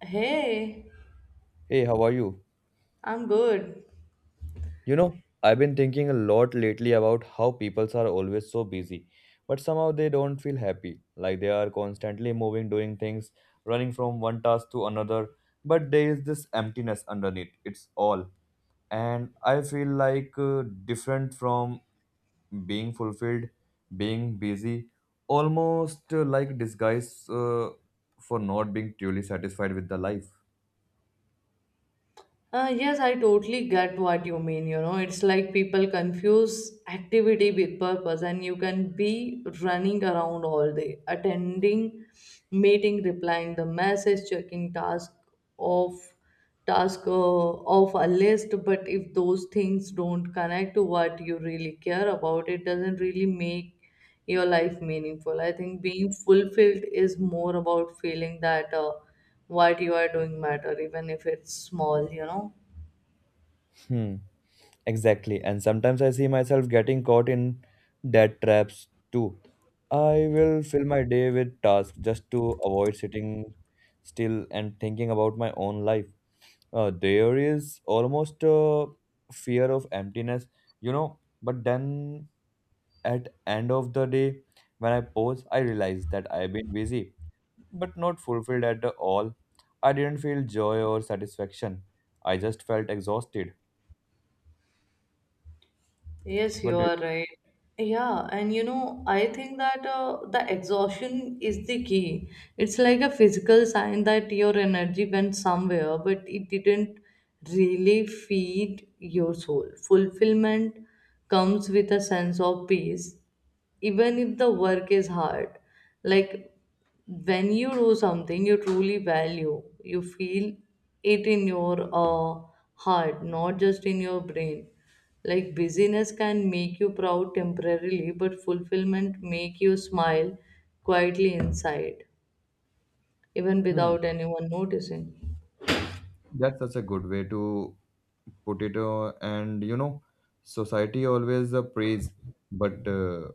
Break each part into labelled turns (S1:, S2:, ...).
S1: Hey,
S2: Hey, how are you?
S1: I'm good.
S2: You know, I've been thinking a lot lately about how peoples are always so busy, but somehow they don't feel happy. Like they are constantly moving, doing things, running from one task to another, but there is this emptiness underneath. It's all. And I feel like different from being fulfilled, being busy, almost like disguise for not being truly satisfied with the life.
S1: Yes, I totally get what you mean. You know, it's like people confuse activity with purpose, and you can be running around all day, attending meeting, replying the message, checking off task off a list. But if those things don't connect to what you really care about, it doesn't really make your life meaningful. I think being fulfilled is more about feeling that what you are doing matter, even if it's small, you know.
S2: Hmm. Exactly. And sometimes I see myself getting caught in debt traps too. I will fill my day with tasks just to avoid sitting still and thinking about my own life. There is almost a fear of emptiness, you know. But then at end of the day, when I pause, I realize that I've been busy, but not fulfilled at all. I didn't feel joy or satisfaction. I just felt exhausted.
S1: Yes,
S2: What
S1: you
S2: do you?
S1: are right. Yeah, and you know, I think that the exhaustion is the key. It's like a physical sign that your energy went somewhere, but it didn't really feed your soul. Fulfillment comes with a sense of peace even if the work is hard, like when you do something you truly value, you feel it in your heart, not just in your brain. Like busyness can make you proud temporarily, but fulfillment make you smile quietly inside, even
S2: Hmm.
S1: without anyone noticing.
S2: That's such a good way to put it. And you know, society always praise, but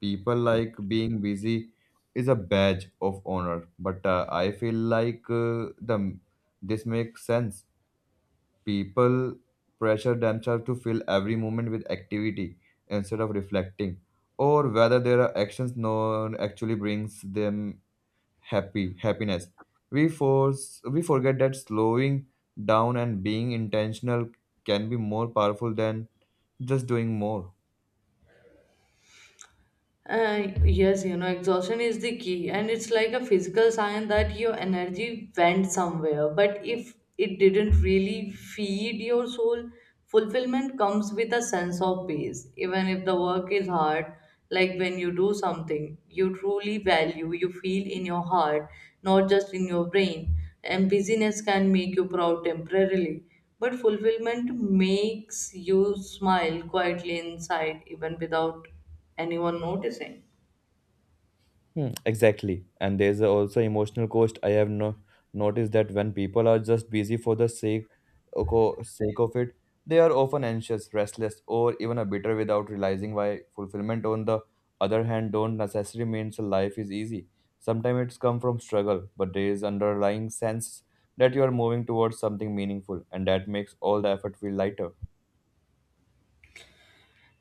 S2: people like being busy is a badge of honor. But I feel like the this makes sense. People pressure themselves to fill every moment with activity instead of reflecting, or whether their actions known actually brings them happy happiness. We forget that slowing down and being intentional can be more powerful than just doing more.
S1: Yes, you know, exhaustion is the key, and it's like a physical sign that your energy went somewhere. But if it didn't really feed your soul, fulfillment comes with a sense of peace, even if the work is hard. Like when you do something you truly value, you feel in your heart, not just in your brain. And busyness can make you proud temporarily, but fulfillment makes you smile quietly inside, even without anyone noticing.
S2: Hmm, exactly. And there's also emotional cost. I have no noticed that when people are just busy for the sake sake of it, they are often anxious, restless, or even a bitter without realizing why. Fulfillment, on the other hand, don't necessarily means life is easy. Sometimes it's come from struggle, but there is underlying sense that you are moving towards something meaningful, and that makes all the effort feel lighter.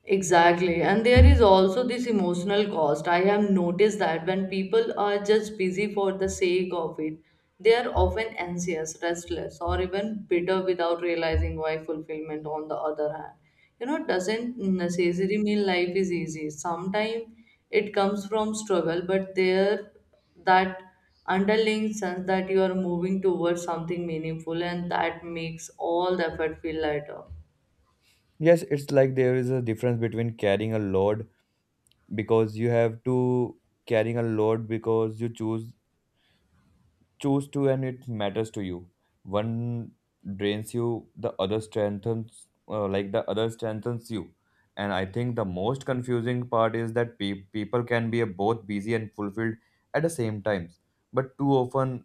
S1: Exactly. And there is also this emotional cost. I have noticed that when people are just busy for the sake of it, they are often anxious, restless, or even bitter without realizing why fulfillment, on the other hand, you know, doesn't necessarily mean life is easy. Sometimes it comes from struggle, but there that underlying sense that you are moving towards something meaningful, and that makes all the effort feel lighter.
S2: Yes, it's like there is a difference between carrying a load because you have to carrying a load because you choose to and it matters to you. One drains you, the other strengthens, like the other strengthens you. And I think the most confusing part is that people can be both busy and fulfilled at the same times, but too often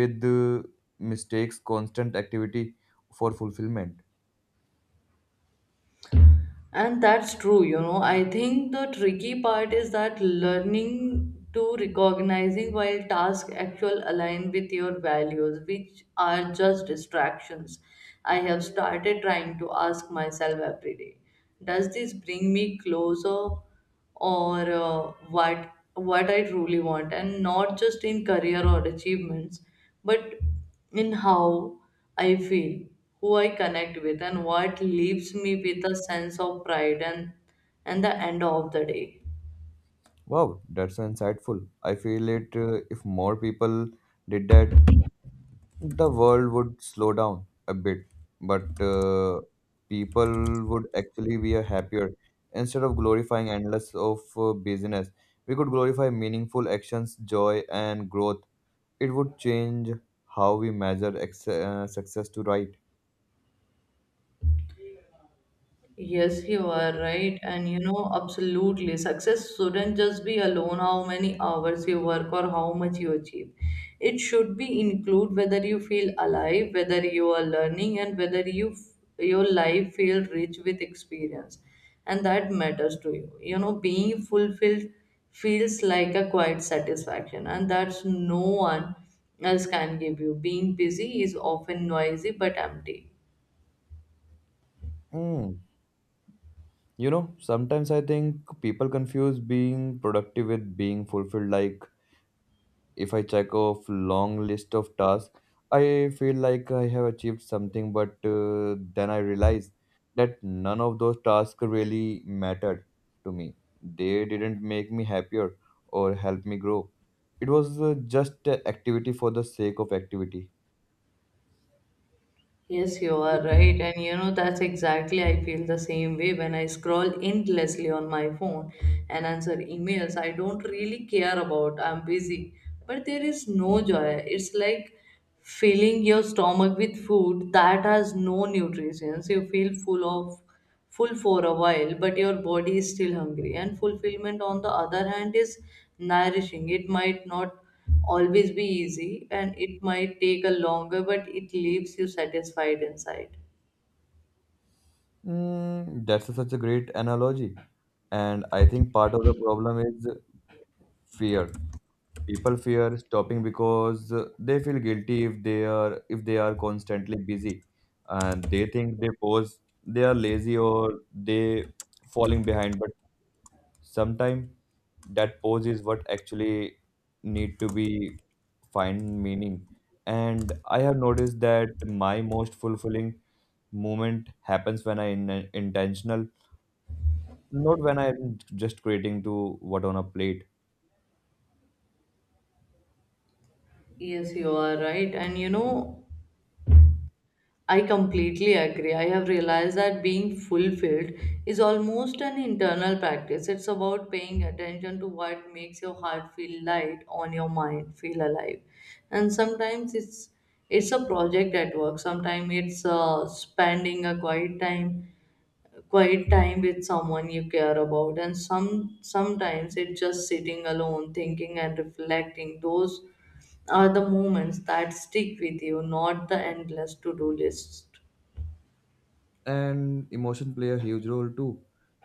S2: with mistakes constant activity for fulfillment.
S1: And that's true, you know. I think the tricky part is that learning to recognizing while tasks actual align with your values, which are just distractions. I have started trying to ask myself every day, does this bring me closer or what I truly want, and not just in career or achievements, but in how I feel, who I connect with, and what leaves me with a sense of pride and the end of the day.
S2: Wow, that's so insightful. I feel it, if more people did that, the world would slow down a bit, but people would actually be a happier. Instead of glorifying endless of business, we could glorify meaningful actions, joy, and growth. It would change how we measure success to right.
S1: Yes, you are right. And you know, absolutely. Success shouldn't just be alone how many hours you work or how much you achieve. It should be include whether you feel alive, whether you are learning, and whether you your life feel rich with experience. And that matters to you. You know, being fulfilled feels like a quiet satisfaction, and that's no one else can give you. Being busy is often noisy but empty.
S2: Mm. You know, sometimes I think people confuse being productive with being fulfilled. Like if I check off long list of tasks, I feel like I have achieved something, but then I realize that none of those tasks really mattered to me. They didn't make me happier or help me grow. It was just a activity for the sake of activity.
S1: Yes, you are right. And you know, that's exactly I feel the same way when I scroll endlessly on my phone and answer emails I don't really care about. I'm busy. But there is no joy. It's like filling your stomach with food that has no nutrients. You feel full of full for a while, but your body is still hungry. And fulfillment, on the other hand, is nourishing. It might not always be easy, and it might take a longer, but it leaves you satisfied inside.
S2: Mm, that's such a great analogy. And I think part of the problem is fear. People fear stopping because they feel guilty if they are constantly busy, and they think they pose they are lazy or they falling behind. But sometimes that pose is what actually need to be find meaning. And I have noticed that my most fulfilling moment happens when I in intentional, not when I'm just creating to what on a plate.
S1: Yes, you are right. And you know, I completely agree. I have realized that being fulfilled is almost an internal practice. It's about paying attention to what makes your heart feel light, on your mind feel alive. And sometimes it's a project at work. Sometimes it's spending a quiet time with someone you care about. And sometimes it's just sitting alone, thinking and reflecting. Those are the moments that stick with you, not the endless to-do lists.
S2: And emotion play a huge role too.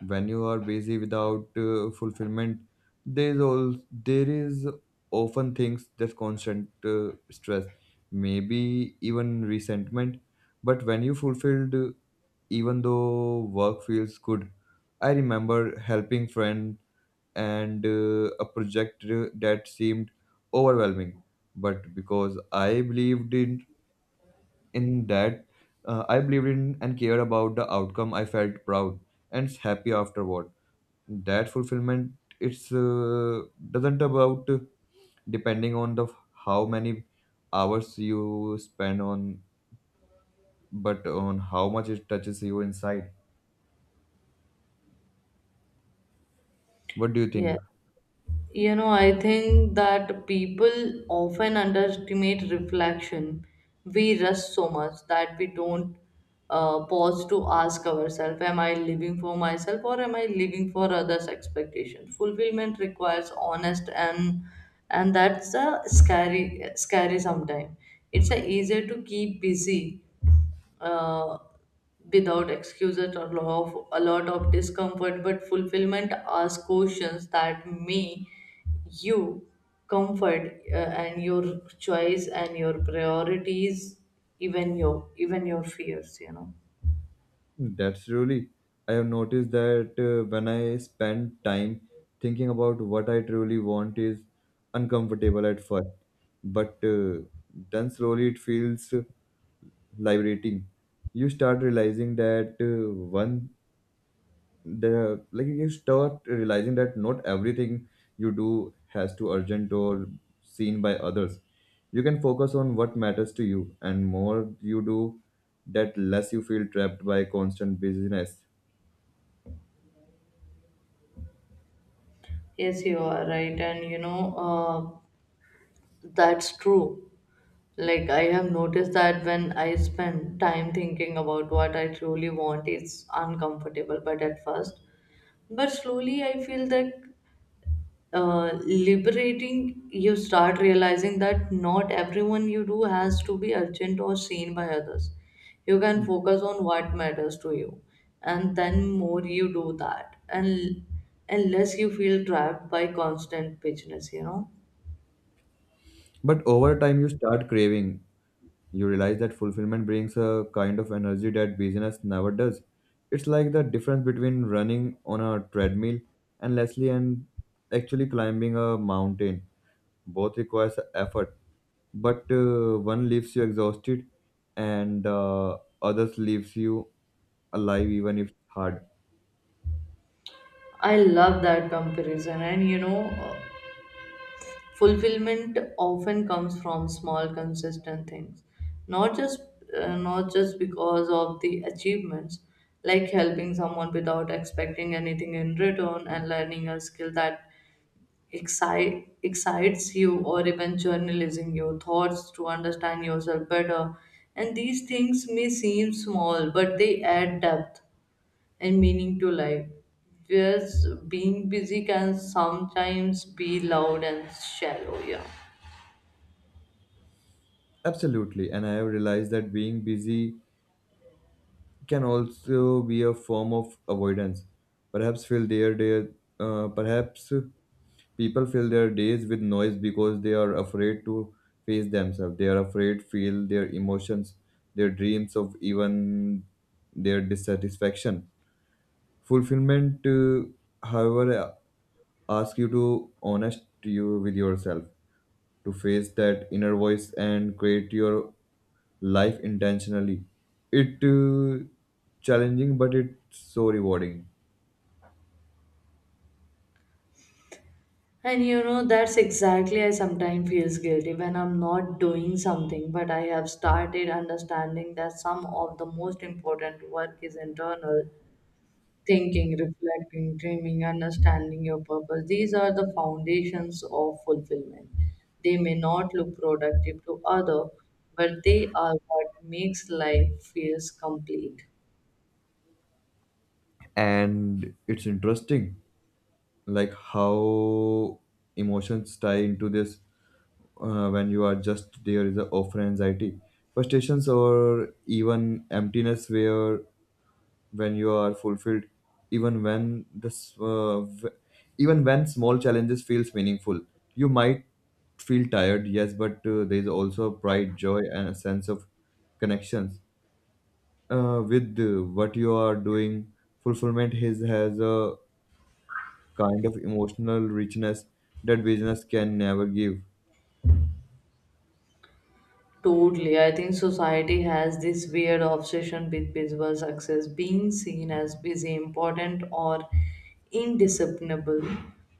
S2: When you are busy without fulfillment, there is all there is often things that constant stress, maybe even resentment. But when you fulfilled, even though work feels good, I remember helping friend and a project that seemed overwhelming, but because I believed in that, I believed in and cared about the outcome, I felt proud and happy afterward. That fulfillment, it's doesn't about depending on the how many hours you spend on, but on how much it touches you inside. What do you think?
S1: Yeah. You know, I think that people often underestimate reflection. We rush so much that we don't pause to ask ourselves, am I living for myself or am I living for others' expectations? Fulfillment requires honest, and that's a scary sometimes. It's a easier to keep busy uh, without excuses or law of a lot of discomfort, but fulfillment asks questions that may you comfort and your choice and your priorities, even your fears, you know.
S2: That's really. I have noticed that when I spend time thinking about what I truly want is uncomfortable at first, but then slowly it feels liberating. You start realizing that one the like you start realizing that not everything you do has to urgent or seen by others. You can focus on what matters to you, and more you do that, less you feel trapped by constant busyness.
S1: Yes, you are right. And you know, that's true. Like I have noticed that when I spend time thinking about what I truly want, it's uncomfortable but at first, but slowly I feel that liberating. You start realizing that not everyone you do has to be urgent or seen by others. You can focus on what matters to you, and then more you do that and less you feel trapped by constant busyness, you know.
S2: But over time you start craving. You realize that fulfillment brings a kind of energy that business never does. It's like the difference between running on a treadmill and actually climbing a mountain. Both requires effort, but one leaves you exhausted, and others leaves you alive even if hard.
S1: I love that comparison, and you know, fulfillment often comes from small consistent things, not just not just because of the achievements. Like helping someone without expecting anything in return, and learning a skill that excites you, or even journalizing your thoughts to understand yourself better. And these things may seem small, but they add depth and meaning to life, whereas being busy can sometimes be loud and shallow. Yeah.
S2: Absolutely, and I have realized that being busy can also be a form of avoidance. Perhaps feel there, there, Perhaps people fill their days with noise because they are afraid to face themselves. They are afraid feel their emotions, their dreams of even their dissatisfaction. Fulfillment, however, ask you to honest you with yourself, to face that inner voice and create your life intentionally. It challenging, but it's so rewarding.
S1: And you know, that's exactly I sometimes feels guilty when I'm not doing something, but I have started understanding that some of the most important work is internal thinking, reflecting, dreaming, understanding your purpose. These are the foundations of fulfillment. They may not look productive to other, but they are what makes life feels complete.
S2: And it's interesting like how emotions tie into this. When you are just, there is a often anxiety, frustrations, or even emptiness. Where when you are fulfilled, even when this uh, v- even when small challenges feels meaningful, you might feel tired, yes, but there is also pride, joy, and a sense of connections with what you are doing. Fulfillment is has a kind of emotional richness that business can never give.
S1: Totally. I think society has this weird obsession with visible success, being seen as busy, important, or indiscernible.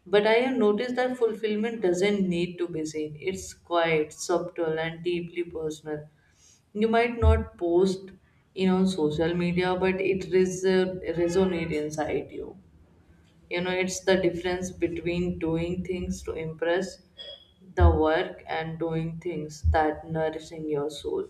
S1: But I have noticed that fulfillment doesn't need to be seen. It's quiet, subtle, and deeply personal. You might not post in on social media, but it resonates inside you. You know, it's the difference between doing things to impress the work and doing things that nourishing your soul.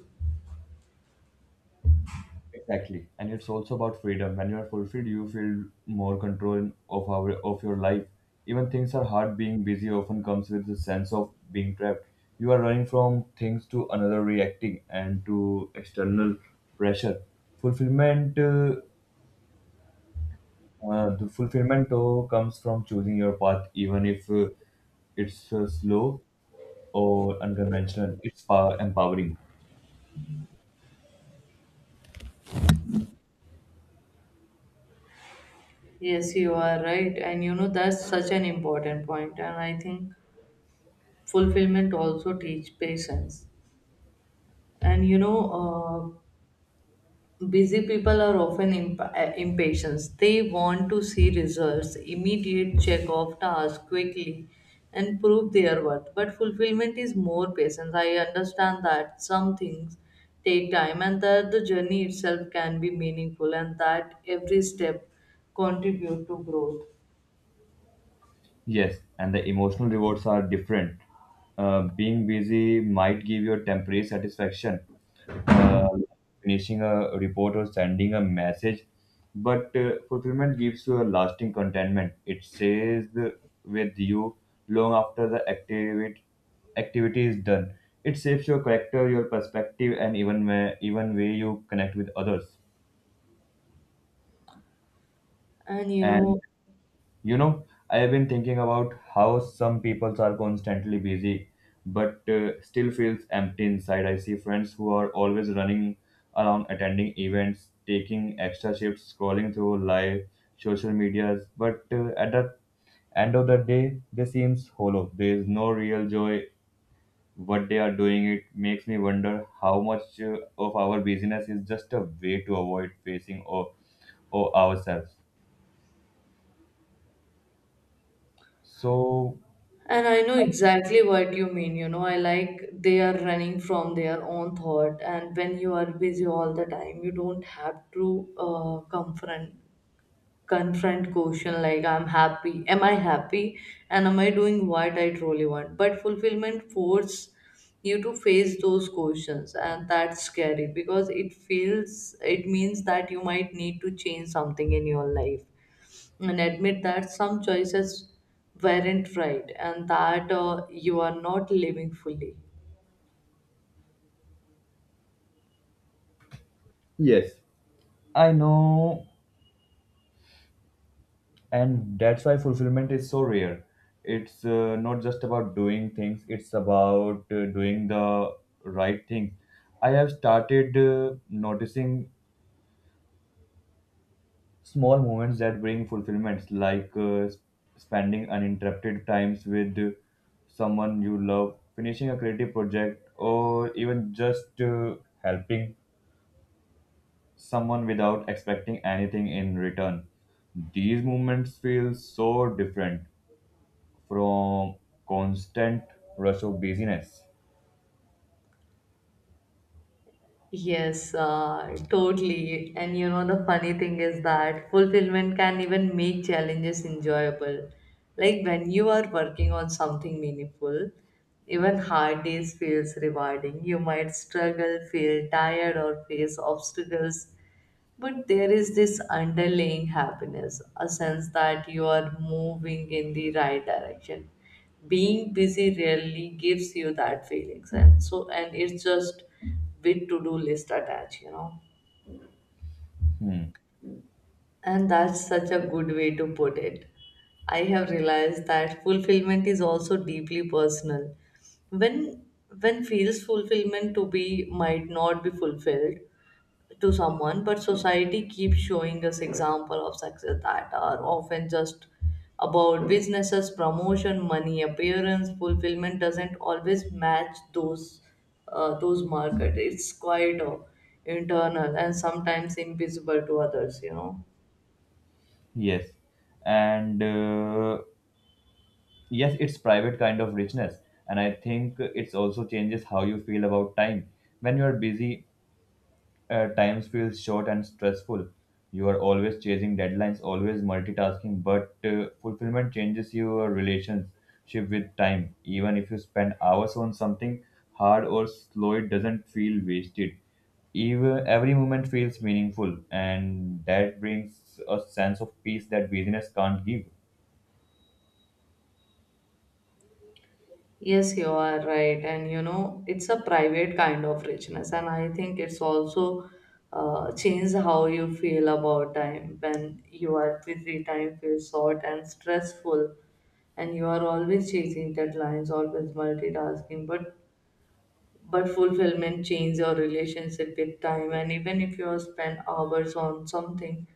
S2: Exactly. And it's also about freedom. When you are fulfilled, you feel more control of our of your life. Even things are hard, being busy often comes with the sense of being trapped. You are running from things to another, reacting and to external pressure. Fulfillment, uh, the fulfillment though comes from choosing your path, even if it's slow or unconventional. It's power empowering.
S1: Yes, you are right, and you know that's such an important point. And I think fulfillment also teach patience. And you know, busy people are often impatient. They want to see results, immediate check off tasks quickly, and prove their worth. But fulfillment is more patience. I understand that some things take time, and that the journey itself can be meaningful, and that every step contribute to growth
S2: Yes, and the emotional rewards are different. Being busy might give you a temporary satisfaction, uh, finishing a report or sending a message, but fulfillment gives you a lasting contentment. It stays with you long after the activity is done. It shapes your character, your perspective, and even where even way you connect with others.
S1: and you
S2: And
S1: know.
S2: you know, I have been thinking about how some people are constantly busy, but still feels empty inside. I see friends who are always running around, attending events, taking extra shifts, scrolling through live social medias, but at the end of the day, they seems hollow. There is no real joy. What they are doing, it makes me wonder how much of our busyness is just a way to avoid facing or ourselves. So
S1: And I know exactly what you mean, you know. I like they are running from their own thought, and when you are busy all the time, you don't have to uh, confront confront question like I'm happy, am I happy, and am I doing what I truly want? But fulfillment force you to face those questions, and that's scary because it feels it means that you might need to change something in your life and admit that some choices weren't right and that you are not living fully.
S2: yes. I know, and that's why fulfillment is so rare. It's not just about doing things, it's about doing the right thing. I have started noticing small moments that bring fulfillments, like spending uninterrupted times with someone you love, finishing a creative project, or even just helping someone without expecting anything in return. These moments feel so different from constant rush of busyness.
S1: Yes, totally. And you know, the funny thing is that fulfillment can even make challenges enjoyable. Like when you are working on something meaningful, even hard days feels rewarding. You might struggle, feel tired, or face obstacles. But there is this underlying happiness, a sense that you are moving in the right direction. Being busy really gives you that feelings, and so and it's just with to-do list attached, you know. And that's such a good way to put it. I have realized that fulfillment is also deeply personal. When when feels fulfillment to be might not be fulfilled, to someone, but society keeps showing us example of success that are often just about businesses, promotion, money, appearance, fulfillment doesn't always match those market. It's quite internal and sometimes invisible to others, you know.
S2: Yes, and yes, it's private kind of richness, and I think it's also changes how you feel about time. When you are busy, times feels short and stressful. You are always chasing deadlines, always multitasking, but fulfillment changes your relationship with time. Even if you spend hours on something hard or slow, it doesn't feel wasted. Even every moment feels meaningful, and that brings a sense of peace that busyness can't give.
S1: Yes, you are right. And you know, it's a private kind of richness. And I think it's also changed how you feel about time. When you are busy, time feels short and stressful, and you are always chasing deadlines, always multitasking. But fulfillment changes your relationship with time, and even if you spend hours on something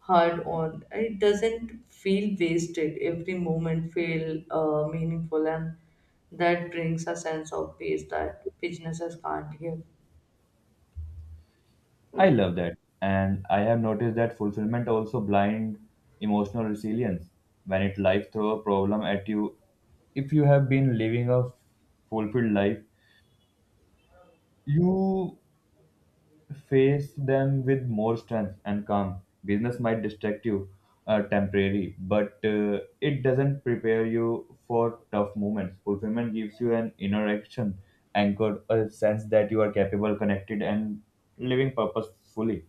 S1: hard on, it doesn't feel wasted. Every moment feel meaningful, and that brings a sense of peace that businesses can't give.
S2: I love that. And I have noticed that fulfillment also blind emotional resilience. When it life throw a problem at you, if you have been living a fulfilled life, you face them with more strength and calm. Business might distract you temporarily, but it doesn't prepare you for tough moments. Fulfillment gives you an inner action anchored, a sense that you are capable, connected, and living purposefully.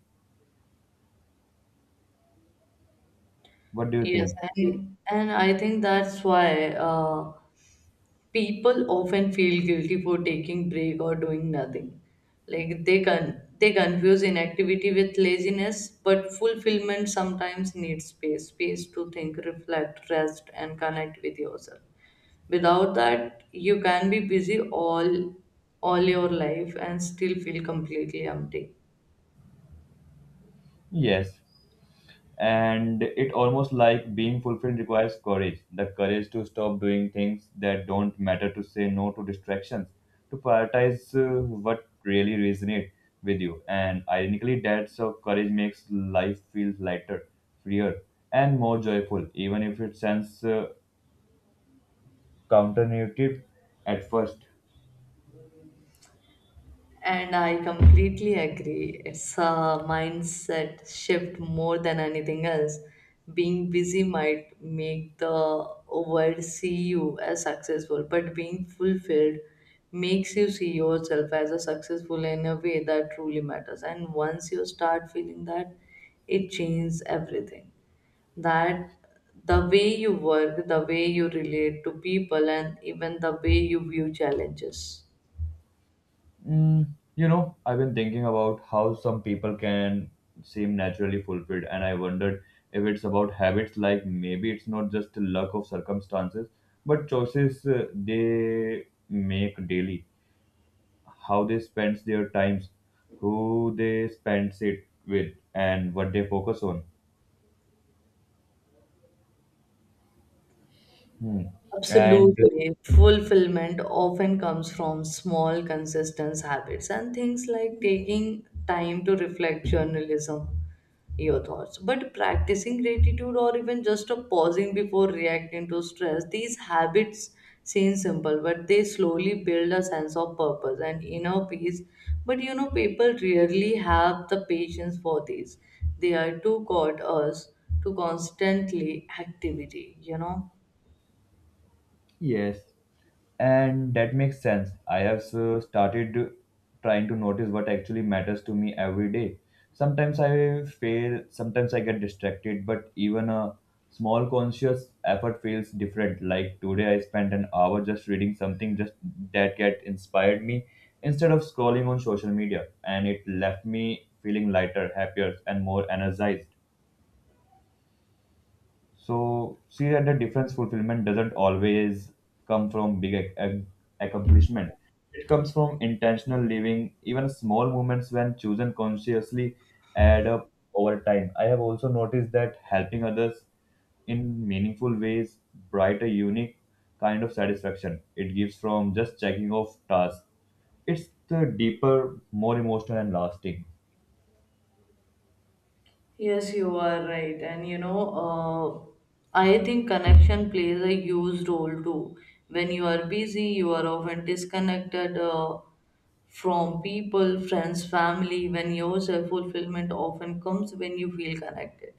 S2: What do you
S1: Yes,
S2: think?
S1: and I think that's why. People often feel guilty for taking break or doing nothing, like they can they confuse inactivity with laziness, but fulfillment sometimes needs space, space to think, reflect, rest, and connect with yourself. Without that you can be busy all your life and still feel completely empty.
S2: Yes, and it almost like being fulfilled requires courage, the courage to stop doing things that don't matter, to say no to distractions, to prioritize what really resonates with you. And ironically, that so courage makes life feel lighter, freer, and more joyful, even if it sounds counterintuitive at first.
S1: And I completely agree. It's a mindset shift more than anything else. Being busy might make the world see you as successful, but being fulfilled makes you see yourself as a successful in a way that truly matters. And once you start feeling that, it changes everything. That the way you work, the way you relate to people, and even the way you view challenges.
S2: Mm, you know, I've been thinking about how some people can seem naturally fulfilled, and I wondered if it's about habits, like maybe it's not just luck of circumstances, but choices they make daily, how they spend their times, who they spend it with, and what they focus on. Hmm. And
S1: Absolutely. Fulfillment often comes from small, consistent habits and things like taking time to reflect journalism, your thoughts. But practicing gratitude or even just a pausing before reacting to stress, these habits seem simple, but they slowly build a sense of purpose and inner peace. But you know, people rarely have the patience for these. They are too caught us to constantly activity, you know.
S2: yes, and that makes sense. I have started trying to notice what actually matters to me every day. Sometimes I fail, sometimes I get distracted, but even a small conscious effort feels different. Like today, I spent an hour just reading something just that get inspired me instead of scrolling on social media, and it left me feeling lighter, happier, and more energized. So see that the difference fulfillment doesn't always come from big accomplishment. It comes from intentional living. Even small moments when chosen consciously add up over time. I have also noticed that helping others in meaningful ways bright a unique kind of satisfaction it gives from just checking off tasks. It's the deeper, more emotional and lasting.
S1: Yes, you are right. And you know, I think connection plays a huge role too. When you are busy, you are often disconnected from people, friends, family. When your self fulfillment often comes when you feel connected.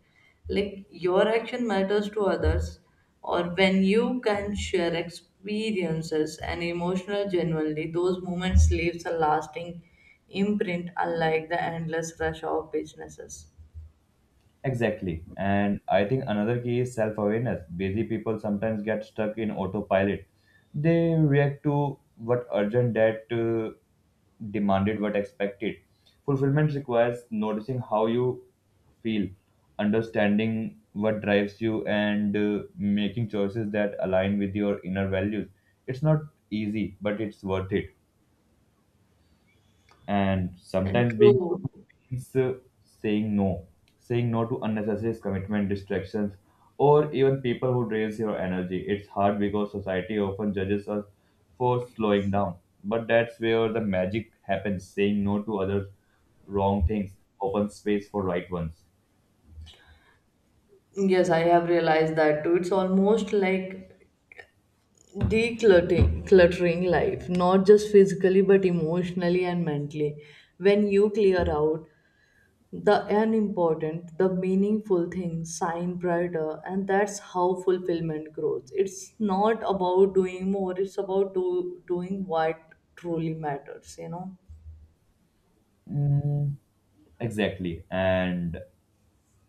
S1: Like your action matters to others, or when you can share experiences and emotional genuinely, those moments leaves a lasting imprint, unlike the endless rush of businesses.
S2: Exactly. And I think another key is self awareness. Busy people sometimes get stuck in autopilot. They react to what urgent, that demanded, what expected. Fulfillment requires noticing how you feel, understanding what drives you, and making choices that align with your inner values. It's not easy, but it's worth it. And
S1: And
S2: sometimes being good
S1: True.
S2: means saying no, saying no to unnecessary commitment, distractions, or even people who drains your energy. It's hard because society often judges us for slowing down. But that's where the magic happens saying no to other wrong things, open space for right ones.
S1: Yes, I have realized that too. It's almost like decluttering cluttering life, not just physically but emotionally and mentally. When you clear out the unimportant, the meaningful things shine brighter, and that's how fulfillment grows. It's not about doing more, it's about doing what truly matters, you know.
S2: Mm, exactly. And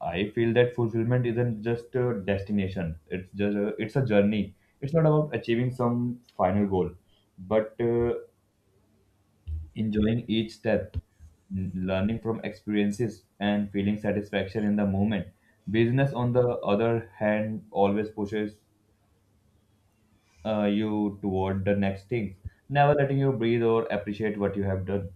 S2: I feel that fulfillment isn't just a destination. It's a journey. It's not about achieving some final goal, but enjoying each step, learning from experiences, and feeling satisfaction in the moment. Business, on the other hand, always pushes you toward the next thing, never letting you breathe or appreciate what you have done.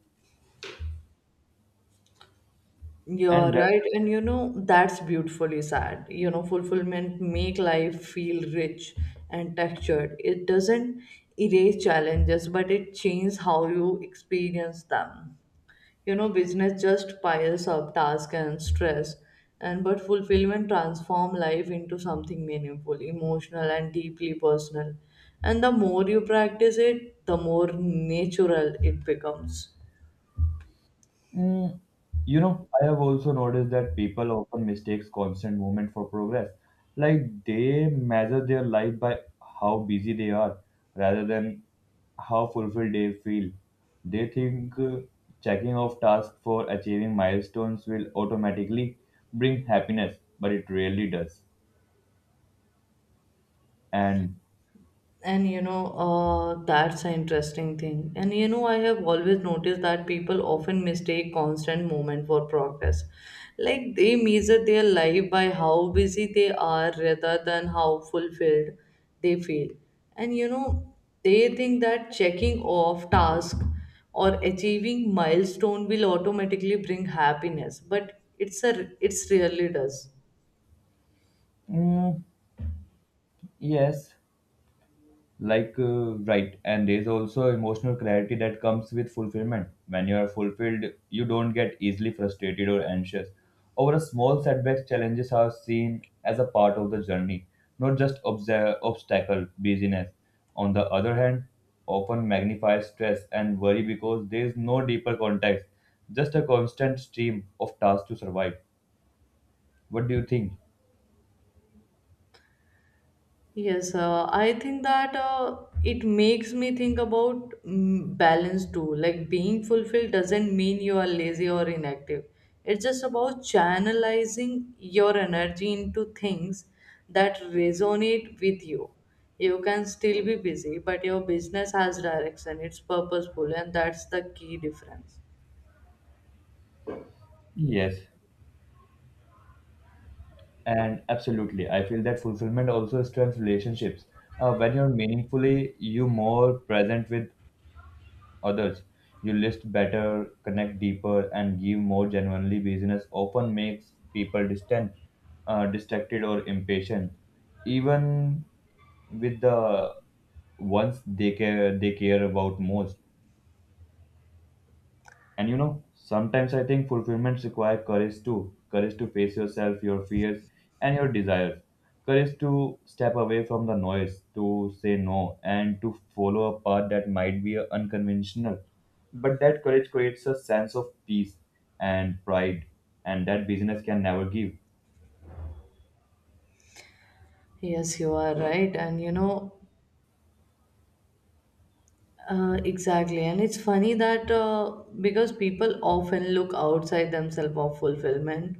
S1: You're
S2: And
S1: right, and you know that's beautifully sad. You know, fulfillment make life feel rich and textured. It doesn't erase challenges, but it changes how you experience them. You know, business just piles up tasks and stress, and but fulfillment transform life into something meaningful, emotional, and deeply personal. And the more you practice it, the more natural it becomes.
S2: mm, you know, I have also noticed that people often mistakes constant movement for progress. Like they measure their life by how busy they are rather than how fulfilled they feel. They think checking off tasks for achieving milestones will automatically bring happiness, but it rarely does. And
S1: And you know that's an interesting thing, and you know, I have always noticed that people often mistake constant movement for progress. Like, they measure their life by how busy they are rather than how fulfilled they feel. And you know, they think that checking off tasks or achieving milestone will automatically bring happiness, but it's a it's rarely does.
S2: mm, yes, like right, and there's also emotional clarity that comes with fulfillment. When you are fulfilled, you don't get easily frustrated or anxious over a small setbacks. Challenges are seen as a part of the journey, not just obstacle. Busyness, on the other hand, often magnifies stress and worry because there is no deeper context, just a constant stream of tasks to survive. What do you think?
S1: Yes, I think that it makes me think about balance too. Like being fulfilled doesn't mean you are lazy or inactive. It's just about channelizing your energy into things that resonate with you. You can still be busy, but your business has direction, it's purposeful, and that's the key difference.
S2: Yes. And absolutely, I feel that fulfillment also strengthens relationships. When you're meaningfully, you more present with others. You list better, connect deeper, and give more genuinely. Business often makes people distant, distracted, or impatient, even with the ones they care about most. And you know, sometimes I think fulfillments require courage too, courage to face yourself, your fears, and your desires, courage to step away from the noise, to say no, and to follow a path that might be unconventional. But that courage creates a sense of peace and pride, and that business can never give.
S1: Yes, you are right. And you know, exactly, and it's funny that, because people often look outside themselves for fulfillment,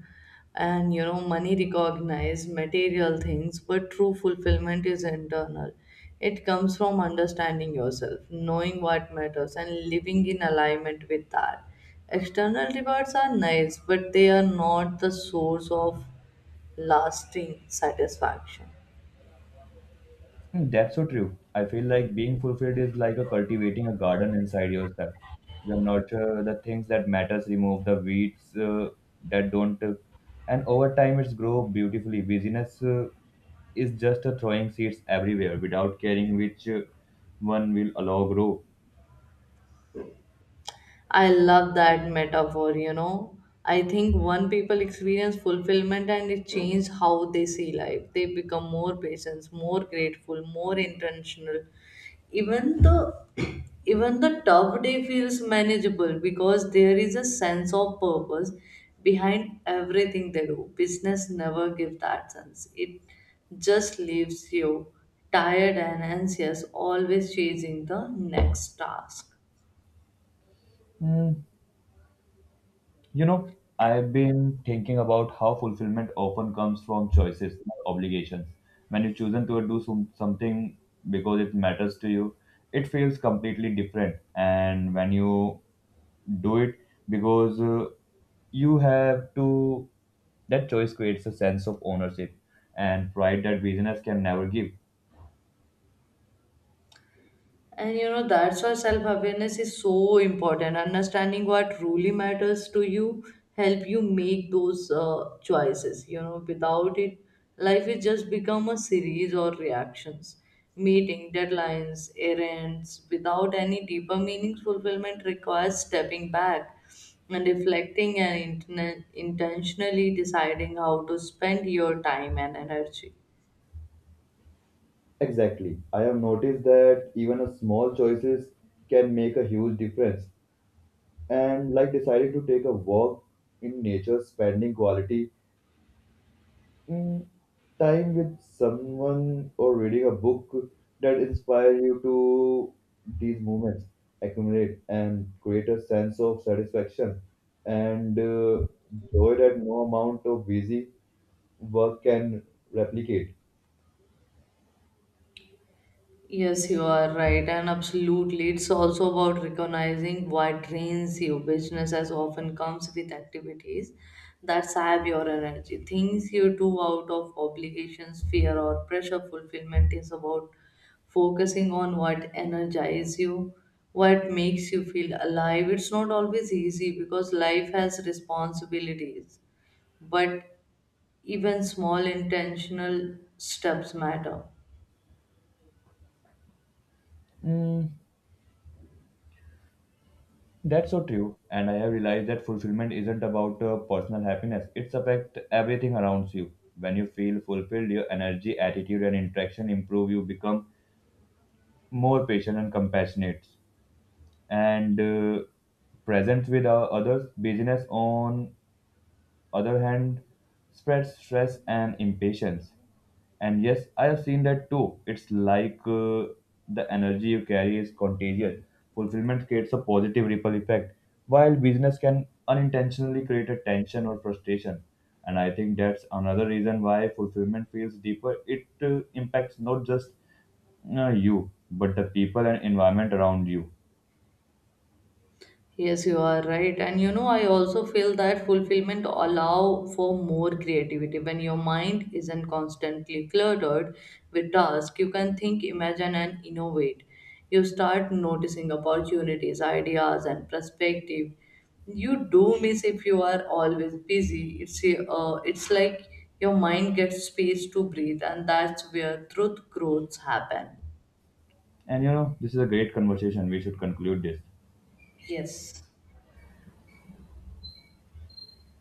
S1: and you know, money recognize material things, but true fulfillment is internal. It comes from understanding yourself, knowing what matters, and living in alignment with that. External rewards are nice, but they are not the source of lasting satisfaction.
S2: Hmm. That's so true. I feel like being fulfilled is like a cultivating a garden inside yourself. You nurture the things that matters, remove the weeds that don't, and over time it's grow beautifully. Business is just throwing seeds everywhere without caring which one will allow grow.
S1: I love that metaphor, you know. I think one people experience fulfillment and it changes how they see life. They become more patient, more grateful, more intentional. Even the even the tough day feels manageable because there is a sense of purpose behind everything they do. Business never gives that sense. It just leaves you tired and anxious, always chasing the next task.
S2: Hmm. You know, I've been thinking about how fulfillment often comes from choices, not obligations. When you choose to something because it matters to you, it feels completely different. And when you do it because you have to, that choice creates a sense of ownership and pride that business can never give.
S1: And you know, that's why self awareness is so important. Understanding what really matters to you help you make those choices. You know, without it, life is just become a series or reactions, meeting deadlines, errands, without any deeper meaning. Fulfillment requires stepping back and reflecting and intentionally deciding how to spend your time and energy.
S2: Exactly. I have noticed that even a small choices can make a huge difference. And like decided to take a walk in nature, spending quality mm, time with someone or reading a book that inspire you to these moments accumulate and create a sense of satisfaction and joy that no amount of busy work can replicate.
S1: Yes, you are right, and absolutely. It's also about recognizing what drains you. Business as often comes with activities that sap your energy. Things you do out of obligations, fear, or pressure. Fulfillment is about focusing on what energizes you, what makes you feel alive. It's not always easy because life has responsibilities, but even small intentional steps matter.
S2: Mm. That's so true, and I have realized that fulfillment isn't about personal happiness. It's affect everything around you. When you feel fulfilled, your energy, attitude, and interaction improve. You become more patient and compassionate, and present with others. Business on other hand, spreads stress and impatience. And yes, I have seen that too. It's like the energy you carry is contagious. Fulfillment creates a positive ripple effect, while business can unintentionally create a tension or frustration. And I think that's another reason why fulfillment feels deeper. It impacts not just you, but the people and environment around you.
S1: Yes, you are right. And you know, I also feel that fulfillment allow for more creativity. When your mind isn't constantly cluttered with tasks, you can think, imagine, and innovate. You start noticing opportunities, ideas, and perspective. You do miss if you are always busy. It's like your mind gets space to breathe, and that's where truth growths happen.
S2: And you know, this is a great conversation. We should conclude this.
S1: Yes.